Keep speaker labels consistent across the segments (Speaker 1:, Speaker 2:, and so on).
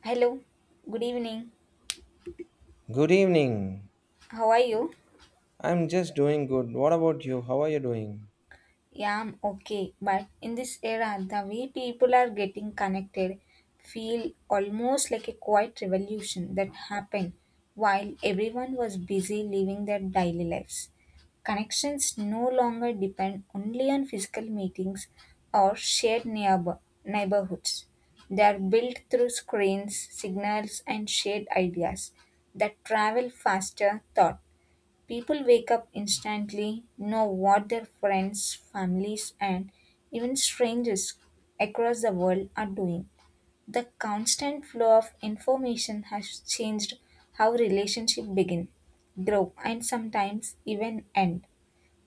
Speaker 1: Hello, good evening.
Speaker 2: Good evening.
Speaker 1: How are you?
Speaker 2: I'm just doing good. What about you? How are you doing?
Speaker 1: Yeah, I'm okay. But in this era, the way people are getting connected feel almost like a quiet revolution that happened while everyone was busy living their daily lives. Connections no longer depend only on physical meetings or shared neighborhoods. They are built through screens, signals, and shared ideas that travel faster thought. People wake up instantly, know what their friends, families, and even strangers across the world are doing. The constant flow of information has changed how relationships begin, grow, and sometimes even end.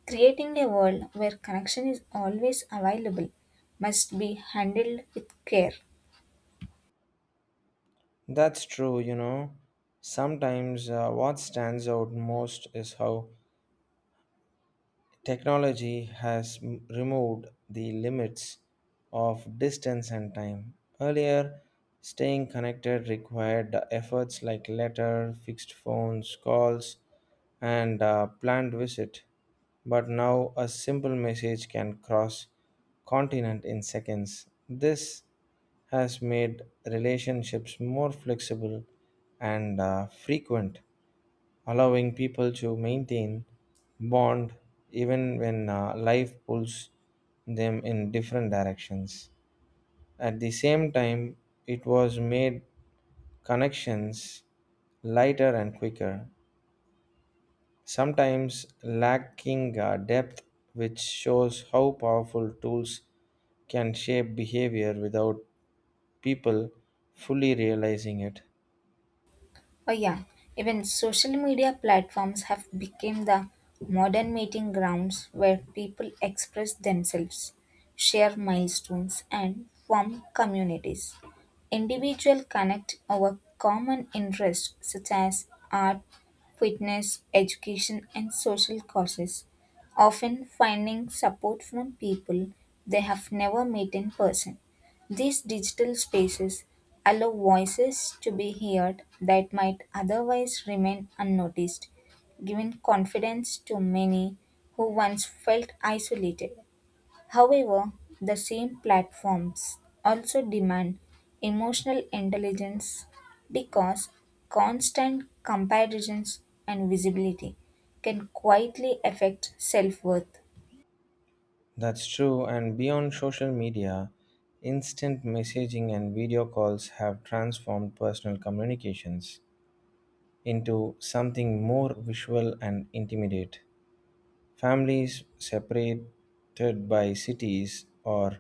Speaker 1: Creating a world where connection is always available must be handled with care.
Speaker 2: That's true, you know. Sometimes what stands out most is how technology has removed the limits of distance and time. Earlier, staying connected required efforts like letter, fixed phones, calls, and planned visit. But now, a simple message can cross continent in seconds. This has made relationships more flexible and frequent allowing people to maintain bond even when life pulls them in different directions. At the same time, it was made connections lighter and quicker, sometimes lacking depth, which shows how powerful tools can shape behavior without people fully realizing it.
Speaker 1: Oh yeah, even social media platforms have become the modern meeting grounds where people express themselves, share milestones and form communities. Individuals connect over common interests such as art, fitness, education and social causes, often finding support from people they have never met in person. These digital spaces allow voices to be heard that might otherwise remain unnoticed, giving confidence to many who once felt isolated. However, the same platforms also demand emotional intelligence because constant comparisons and visibility can quietly affect self worth.
Speaker 2: That's true, and beyond social media, instant messaging and video calls have transformed personal communications into something more visual and intimate. Families separated by cities or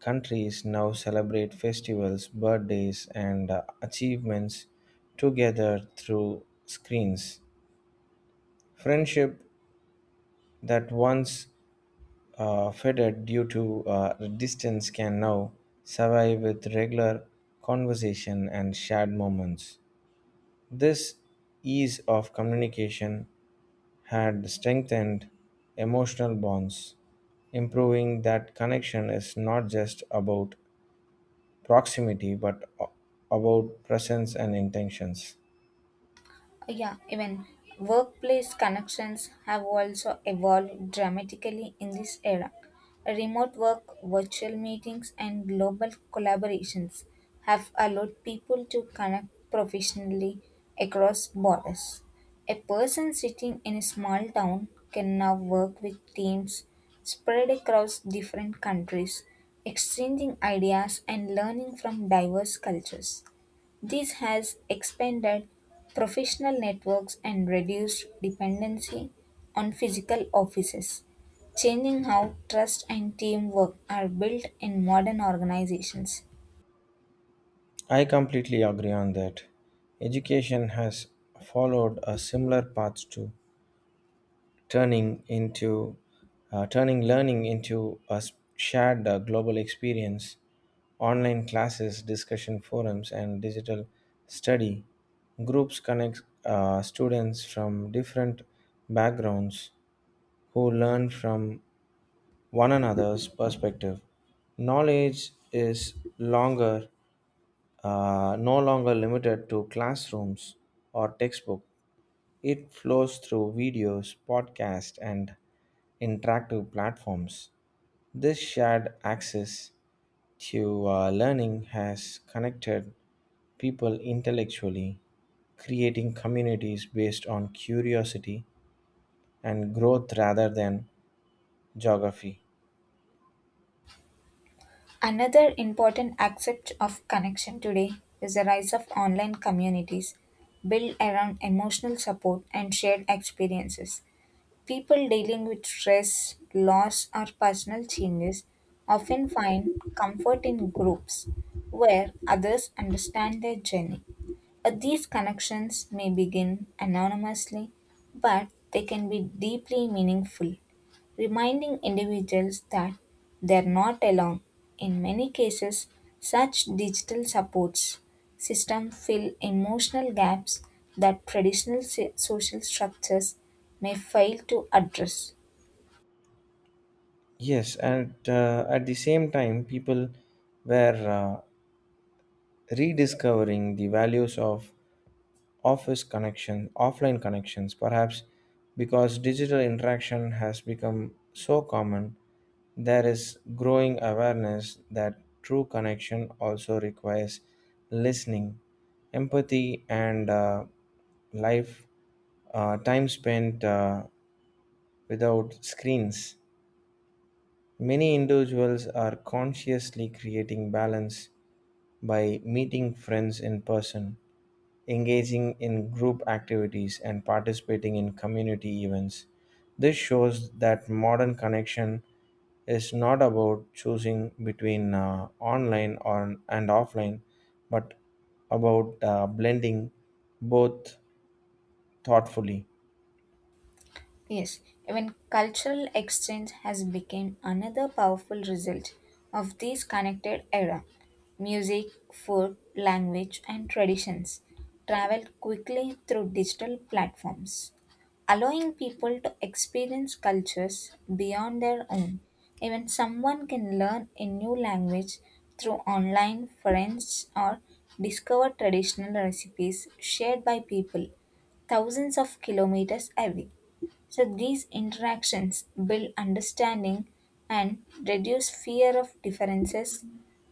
Speaker 2: countries now celebrate festivals, birthdays, and achievements together through screens. Friendship that once faded due to distance can now survive with regular conversation and shared moments. This ease of communication had strengthened emotional bonds. Improving that connection is not just about proximity but about presence and intentions.
Speaker 1: Yeah, even workplace connections have also evolved dramatically in this era. Remote work, virtual meetings, and global collaborations have allowed people to connect professionally across borders. A person sitting in a small town can now work with teams spread across different countries, exchanging ideas and learning from diverse cultures. This has expanded professional networks and reduced dependency on physical offices, changing how trust and teamwork are built in modern organizations.
Speaker 2: I completely agree on that. Education has followed a similar path too. turning into Turning learning into a shared global experience online classes discussion forums and digital study groups connect students from different backgrounds who learn from one another's perspective knowledge is longer no longer limited to classrooms or textbook it flows through videos podcasts and interactive platforms. This shared access to learning has connected people intellectually, creating communities based on curiosity and growth rather than geography.
Speaker 1: Another important aspect of connection today is the rise of online communities built around emotional support and shared experiences. People dealing with stress, loss, or personal changes often find comfort in groups where others understand their journey. These connections may begin anonymously, but they can be deeply meaningful reminding individuals that they're not alone. In many cases, such digital supports system fill emotional gaps that traditional social structures may fail to address.
Speaker 2: Yes, and at the same time, people were rediscovering the values of offline connections, perhaps because digital interaction has become so common, there is growing awareness that true connection also requires listening, empathy, and life time spent without screens. Many individuals are consciously creating balance by meeting friends in person, engaging in group activities, and participating in community events, this shows that modern connection is not about choosing between and offline, but about blending both thoughtfully.
Speaker 1: Yes, even cultural exchange has become another powerful result of this connected era. Music, food, language, and traditions travel quickly through digital platforms, allowing people to experience cultures beyond their own. Even someone can learn a new language through online friends or discover traditional recipes shared by people thousands of kilometers away. So these interactions build understanding and reduce fear of differences,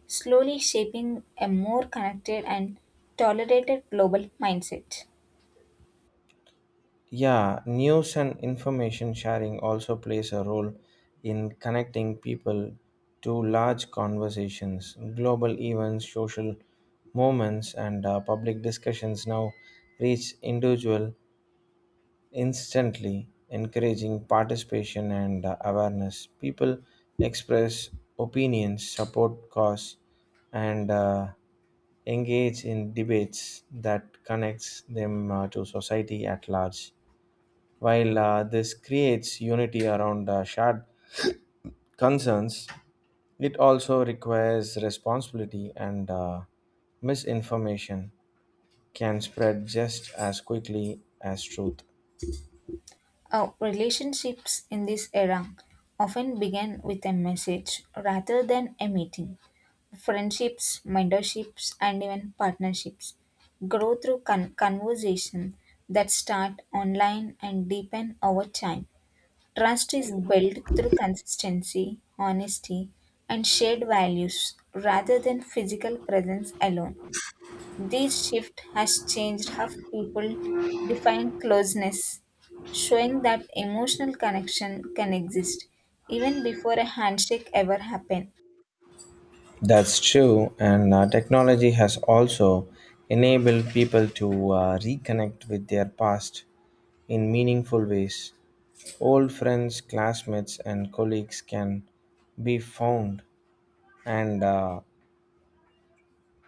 Speaker 1: slowly shaping a more connected and tolerated global mindset.
Speaker 2: Yeah, news and information sharing also plays a role in connecting people to large conversations, global events, social moments, and public discussions now reach individual instantly, encouraging participation and awareness. People express opinions, support cause, and engage in debates that connects them to society at large. While this creates unity around shared concerns, it also requires responsibility and misinformation can spread just as quickly as truth.
Speaker 1: Our relationships in this era often begin with a message rather than a meeting. Friendships, mentorships, and even partnerships grow through conversation that start online and deepen over time. Trust is built through consistency, honesty, and shared values rather than physical presence alone. This shift has changed how people define closeness, showing that emotional connection can exist even before a handshake ever happens.
Speaker 2: That's true, and technology has also enabled people to reconnect with their past in meaningful ways. Old friends, classmates, and colleagues can be found, and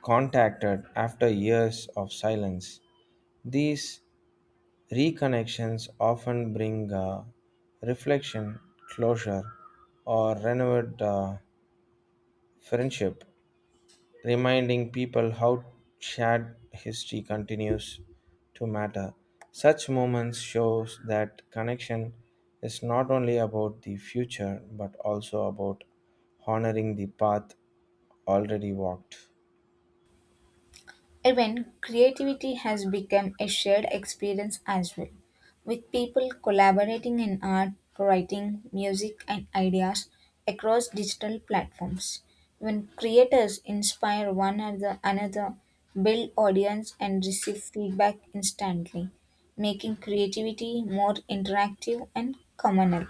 Speaker 2: contacted after years of silence. These reconnections often bring reflection, closure, or renewed friendship, reminding people how shared history continues to matter. Such moments shows that connection is not only about the future but also about honoring the path already walked.
Speaker 1: Even creativity has become a shared experience as well, with people collaborating in art, writing, music, and ideas across digital platforms. When creators inspire one another, build audience, and receive feedback instantly, making creativity more interactive and communal.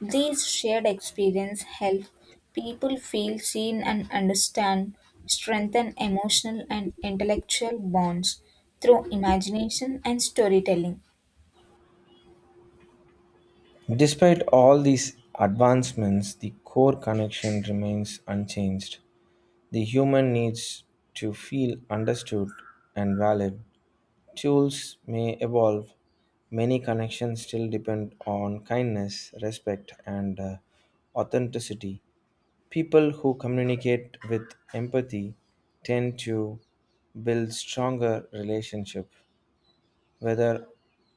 Speaker 1: These shared experiences help people feel seen and understand, strengthen emotional and intellectual bonds through imagination and storytelling.
Speaker 2: Despite all these advancements, the core connection remains unchanged. The human needs to feel understood and valued. Tools may evolve, many connections still depend on kindness, respect, and authenticity. People who communicate with empathy tend to build stronger relationships. Whether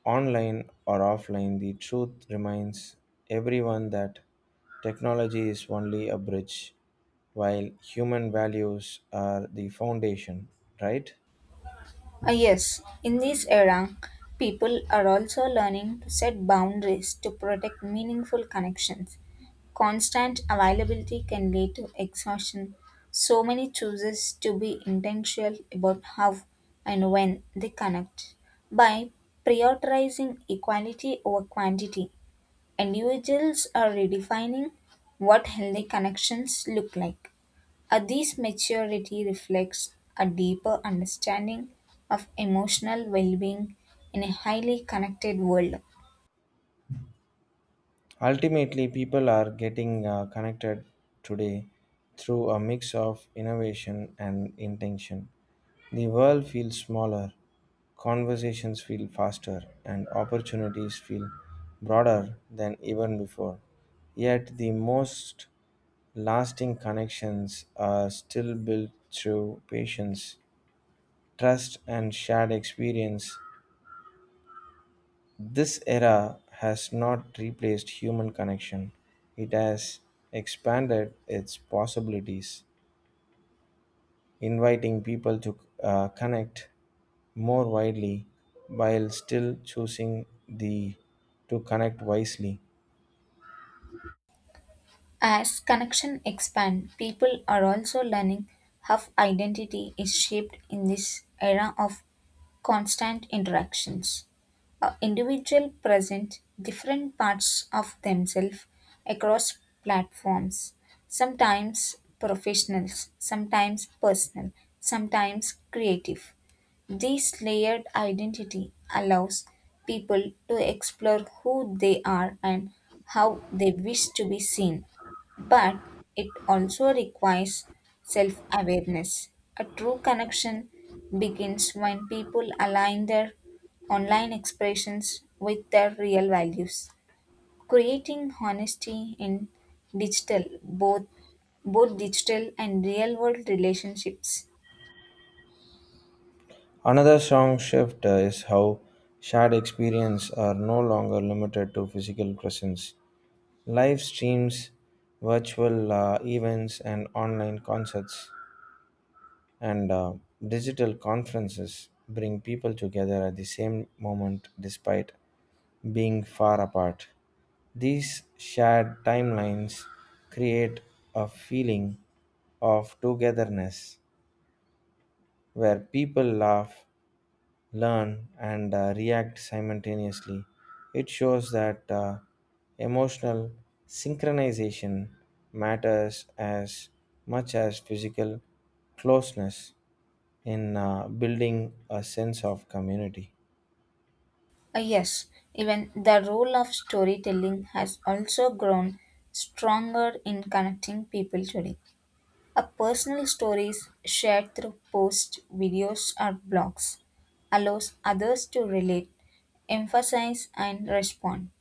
Speaker 2: online or offline, the truth reminds everyone that technology is only a bridge, while human values are the foundation, right?
Speaker 1: Ah, yes, in this era, people are also learning to set boundaries to protect meaningful connections. Constant availability can lead to exhaustion. So many chooses to be intentional about how and when they connect. By prioritizing equality over quantity, individuals are redefining what healthy connections look like. This maturity reflects a deeper understanding of emotional well being in a highly connected world.
Speaker 2: Ultimately, people are getting connected today through a mix of innovation and intention. The world feels smaller, conversations feel faster, and opportunities feel broader than even before. Yet, the most lasting connections are still built through patience, trust, and shared experience this era has not replaced human connection, it has expanded its possibilities, inviting people to connect more widely while still choosing the to connect wisely.
Speaker 1: As connection expand, people are also learning how identity is shaped in this era of constant interactions. A individual present different parts of themselves across platforms, sometimes professionals, sometimes personal, sometimes creative. This layered identity allows people to explore who they are and how they wish to be seen. But it also requires self awareness. A true connection begins when people align their online expressions with their real values. Creating honesty in digital, both both digital and real world relationships.
Speaker 2: Another strong shift is how shared experience are no longer limited to physical presence. Live streams, virtual events, and online concerts and digital conferences bring people together at the same moment despite being far apart. These shared timelines create a feeling of togetherness where people laugh, learn, and react simultaneously. It shows that emotional synchronization matters as much as physical closeness in building a sense of community.
Speaker 1: Yes, even the role of storytelling has also grown stronger in connecting people today. A personal stories shared through posts, videos, or blogs allows others to relate, emphasize, and respond.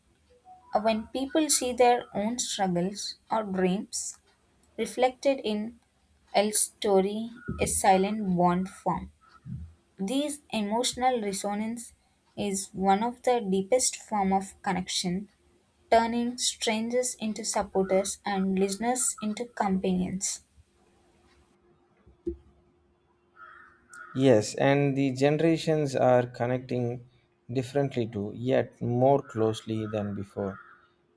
Speaker 1: When people see their own struggles or dreams reflected in L's story, a silent bond form. This emotional resonance is one of the deepest form of connection, turning strangers into supporters and listeners into companions.
Speaker 2: Yes, and the generations are connecting differently too, yet more closely than before.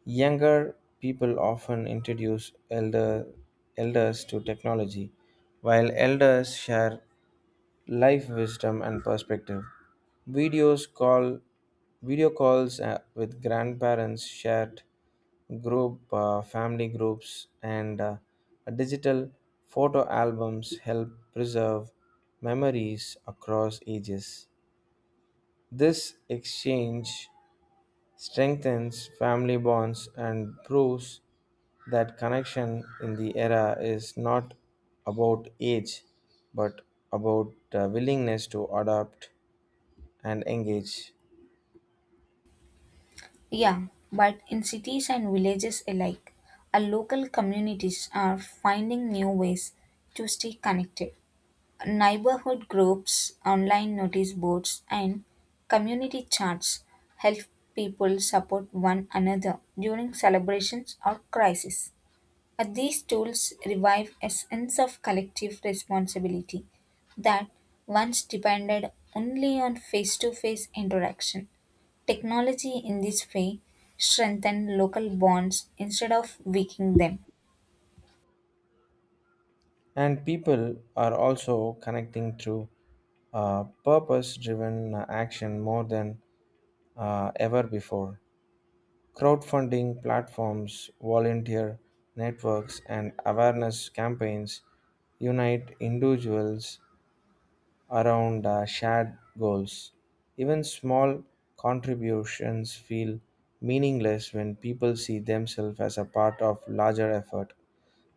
Speaker 2: Younger people often introduce elders to technology, while elders share life wisdom and perspective. Videos call Video calls with grandparents shared group family groups and digital photo albums help preserve memories across ages this exchange strengthens family bonds and proves that connection in the era is not about age but about willingness to adapt and engage
Speaker 1: Yeah, but in cities and villages alike, our local communities are finding new ways to stay connected. Neighborhood groups, online notice boards, and community chats help people support one another during celebrations or crises. These tools revive a sense of collective responsibility that once depended only on face to face interaction. Technology in this way strengthen local bonds instead of weakening them.
Speaker 2: and people are also connecting through purpose driven action more than ever before. Crowdfunding platforms, volunteer networks, and awareness campaigns unite individuals around shared goals. Even small contributions feel meaningless when people see themselves as a part of larger effort.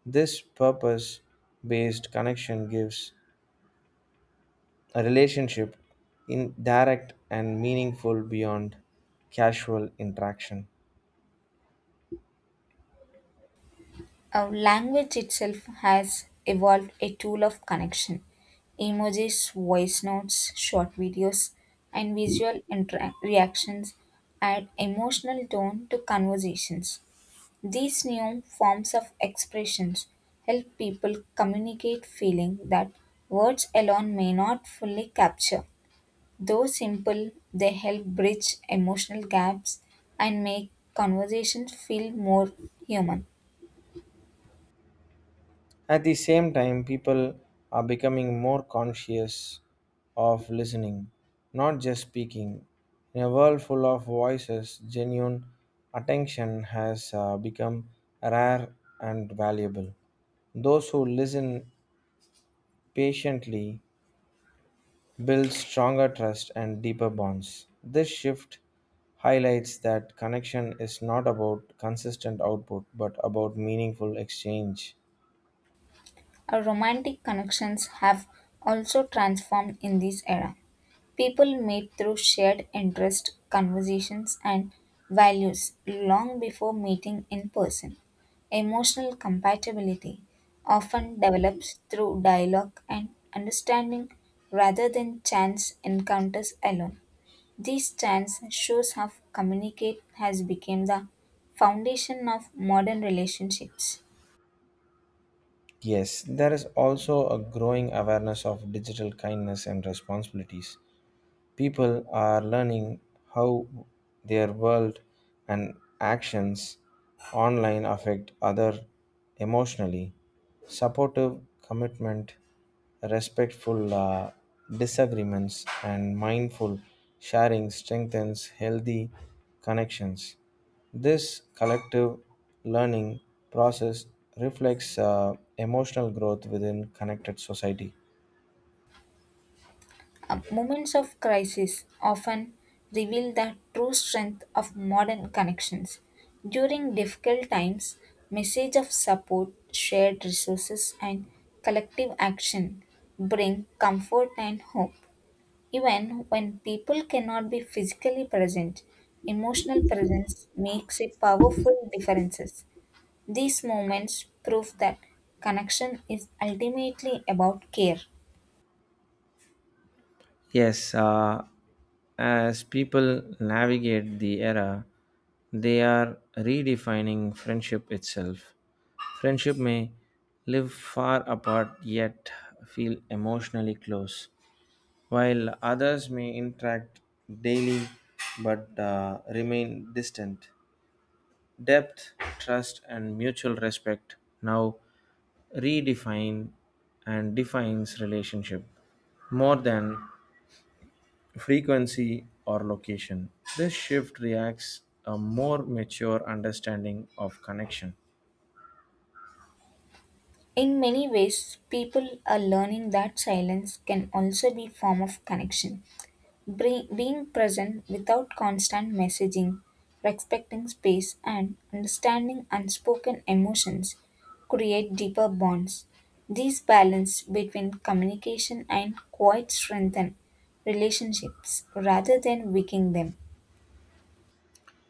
Speaker 2: This purpose based connection gives a relationship in direct and meaningful beyond casual interaction.
Speaker 1: Our language itself has evolved a tool of connection. Emojis, voice notes, short videos, and visual reactions add emotional tone to conversations. These new forms of expressions help people communicate feeling that words alone may not fully capture. Though simple, they help bridge emotional gaps and make conversations feel more human.
Speaker 2: At the same time, people are becoming more conscious of listening, not just speaking. In a world full of voices, genuine attention has become rare and valuable. Those who listen patiently build stronger trust and deeper bonds. This shift highlights that connection is not about consistent output but about meaningful exchange.
Speaker 1: Our romantic connections have also transformed in this era. People meet through shared interest, conversations, and values long before meeting in person. Emotional compatibility often develops through dialogue and understanding rather than chance encounters alone. These stance shows how communicate has become the foundation of modern relationships.
Speaker 2: Yes, there is also a growing awareness of digital kindness and responsibilities. People are learning how their world and actions online affect other emotionally. Supportive commitment, respectful disagreements, and mindful sharing strengthens healthy connections. This collective learning process reflects emotional growth within connected society.
Speaker 1: Moments of crisis often reveal the true strength of modern connections. During difficult times, message of support, shared resources, and collective action bring comfort and hope. Even when people cannot be physically present, emotional presence makes a powerful differences. These moments prove that connection is ultimately about care.
Speaker 2: Yes, as people navigate the era, they are redefining friendship itself. Friendship may live far apart yet feel emotionally close, while others may interact daily but remain distant. Depth, trust, and mutual respect now redefine and defines relationship more than frequency or location. This shift reacts a more mature understanding of connection.
Speaker 1: In many ways, people are learning that silence can also be form of connection. Being present without constant messaging, respecting space, and understanding unspoken emotions create deeper bonds. This balance between communication and quiet strengthen relationships rather than weaken them.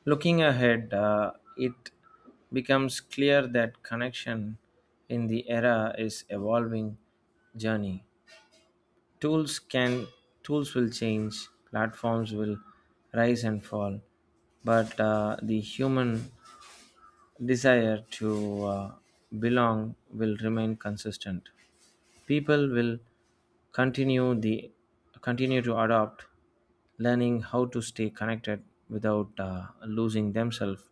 Speaker 2: Looking ahead, it becomes clear that connection in the era is evolving journey. Tools can Tools will change, platforms will rise and fall, but the human desire to belong will remain consistent. People will continue the continue to adopt, learning how to stay connected without losing themselves.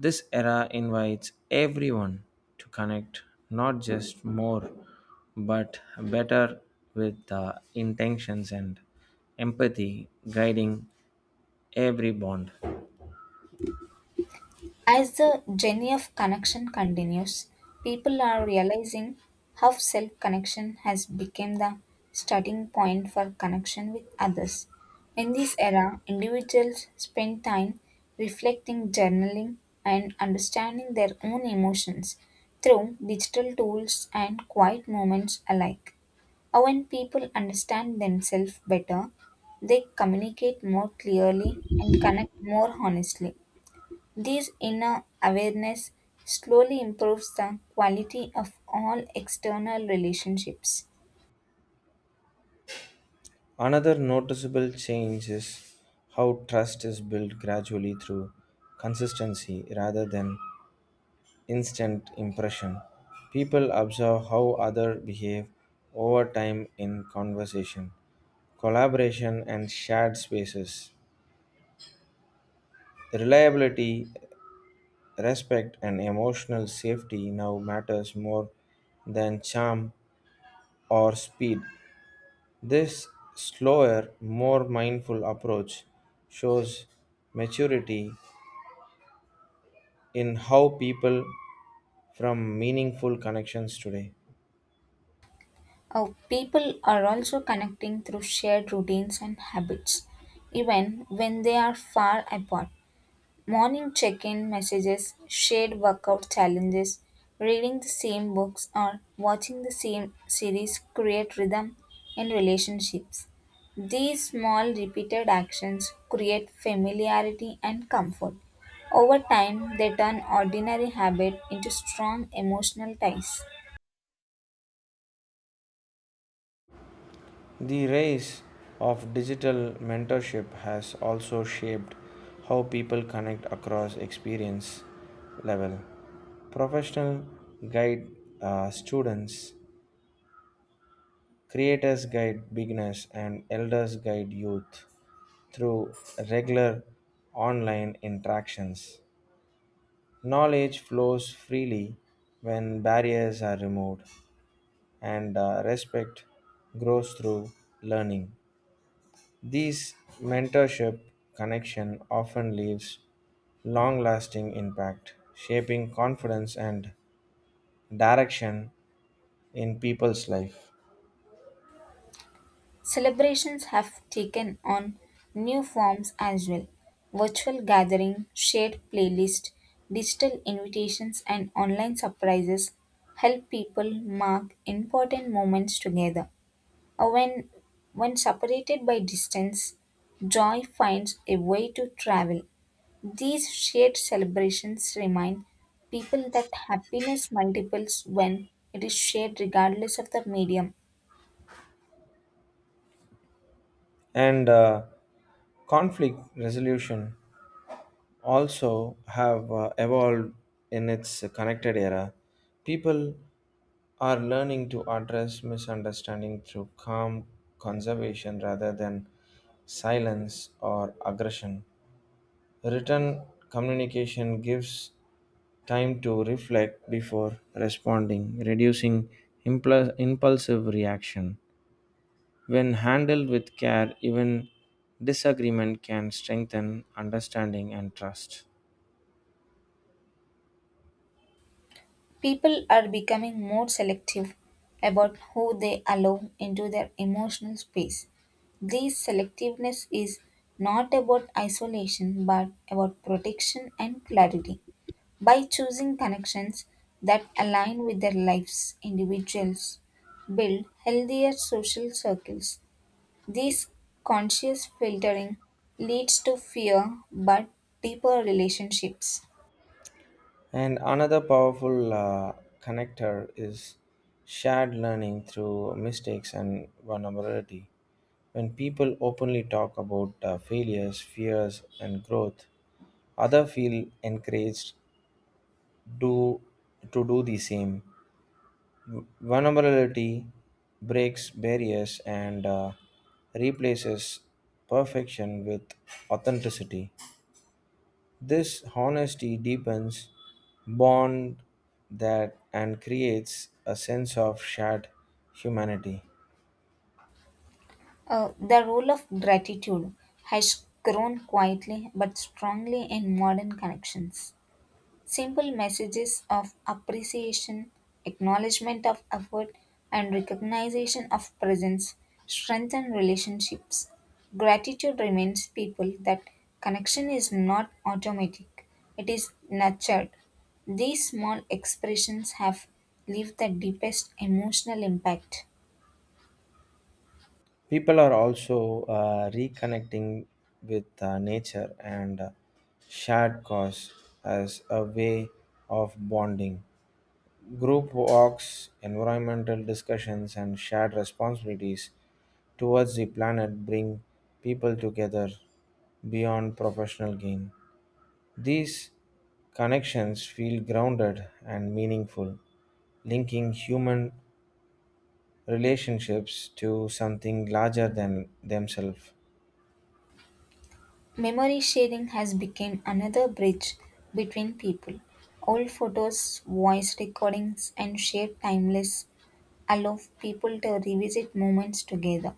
Speaker 2: This era invites everyone to connect not just more but better with intentions and empathy guiding every bond.
Speaker 1: As the journey of connection continues, people are realizing how self connection has become the starting point for connection with others. In this era, individuals spend time reflecting, journaling, and understanding their own emotions through digital tools and quiet moments alike. When people understand themselves better, they communicate more clearly and connect more honestly. This inner awareness slowly improves the quality of all external relationships.
Speaker 2: Another noticeable change is how trust is built gradually through consistency rather than instant impression. People observe how others behave over time in conversation, collaboration, and shared spaces. Reliability, respect, and emotional safety now matters more than charm or speed. This slower, more mindful approach shows maturity in how people from meaningful connections today.
Speaker 1: People are also connecting through shared routines and habits, even when they are far apart. Morning check in messages, shared workout challenges, reading the same books, or watching the same series create rhythm in relationships. These small repeated actions create familiarity and comfort. Over time, they turn ordinary habit into strong emotional ties.
Speaker 2: The rise of digital mentorship has also shaped how people connect across experience level. Professional guide students, creators guide beginners, and elders guide youth through regular online interactions. Knowledge flows freely when barriers are removed, and respect grows through learning. These mentorship connection often leaves long-lasting impact, shaping confidence and direction in people's life.
Speaker 1: Celebrations have taken on new forms as well virtual gathering, shared playlists, digital invitations, and online surprises help people mark important moments together. Or When, when separated by distance, joy finds a way to travel. These shared celebrations remind people that happiness multiples when it is shared regardless of the medium.
Speaker 2: And conflict resolution also have evolved in its connected era. People are learning to address misunderstanding through calm conservation rather than silence or aggression. Written communication gives time to reflect before responding, reducing impulsive reaction. When handled with care, even disagreement can strengthen understanding and trust.
Speaker 1: People are becoming more selective about who they allow into their emotional space. This selectiveness is not about isolation but about protection and clarity. By choosing connections that align with their lives, individuals build healthier social circles. This conscious filtering leads to fewer but deeper relationships.
Speaker 2: And another powerful connector is shared learning through mistakes and vulnerability. When people openly talk about failures, fears, and growth, others feel encouraged do to do the same. Vulnerability breaks barriers and replaces perfection with authenticity. This honesty deepens bond that and creates a sense of shared humanity.
Speaker 1: The role of gratitude has grown quietly but strongly in modern connections. Simple messages of appreciation, acknowledgement of effort, and recognition of presence strengthen relationships. Gratitude reminds people that connection is not automatic, it is nurtured. These small expressions have left the deepest emotional impact.
Speaker 2: People are also reconnecting with nature and shared cause as a way of bonding. Group walks, environmental discussions, and shared responsibilities towards the planet bring people together beyond professional gain. These connections feel grounded and meaningful, linking human relationships to something larger than themselves.
Speaker 1: Memory sharing has become another bridge between people. Old photos, voice recordings, and shared timeless allow people to revisit moments together.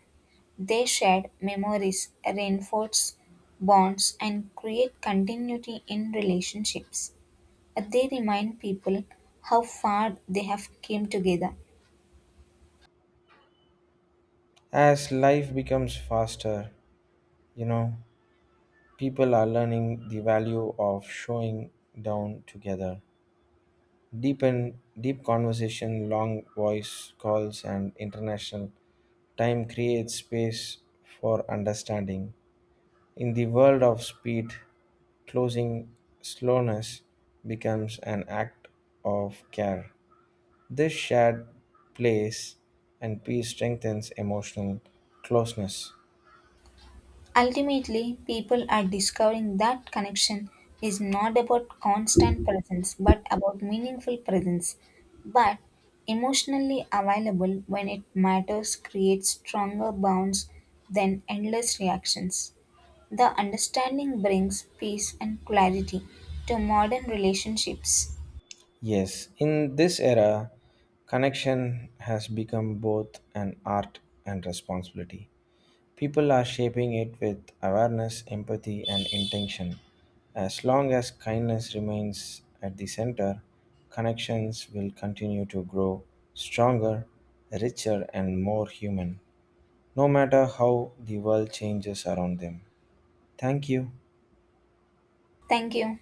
Speaker 1: They shared memories, reinforce bonds, and create continuity in relationships. They remind people how far they have came together.
Speaker 2: As life becomes faster, you know, people are learning the value of showing down together. Deep conversation, long voice calls, and international time creates space for understanding. In the world of speed, closing slowness becomes an act of care. This shared place and peace strengthens emotional closeness.
Speaker 1: Ultimately, people are discovering that connection is not about constant presence but about meaningful presence. But emotionally available when it matters creates stronger bonds than endless reactions. The understanding brings peace and clarity to modern relationships.
Speaker 2: Yes, in this era, connection has become both an art and responsibility. People are shaping it with awareness, empathy, and intention. As long as kindness remains at the center, connections will continue to grow stronger, richer, and more human, no matter how the world changes around them. Thank you.
Speaker 1: Thank you.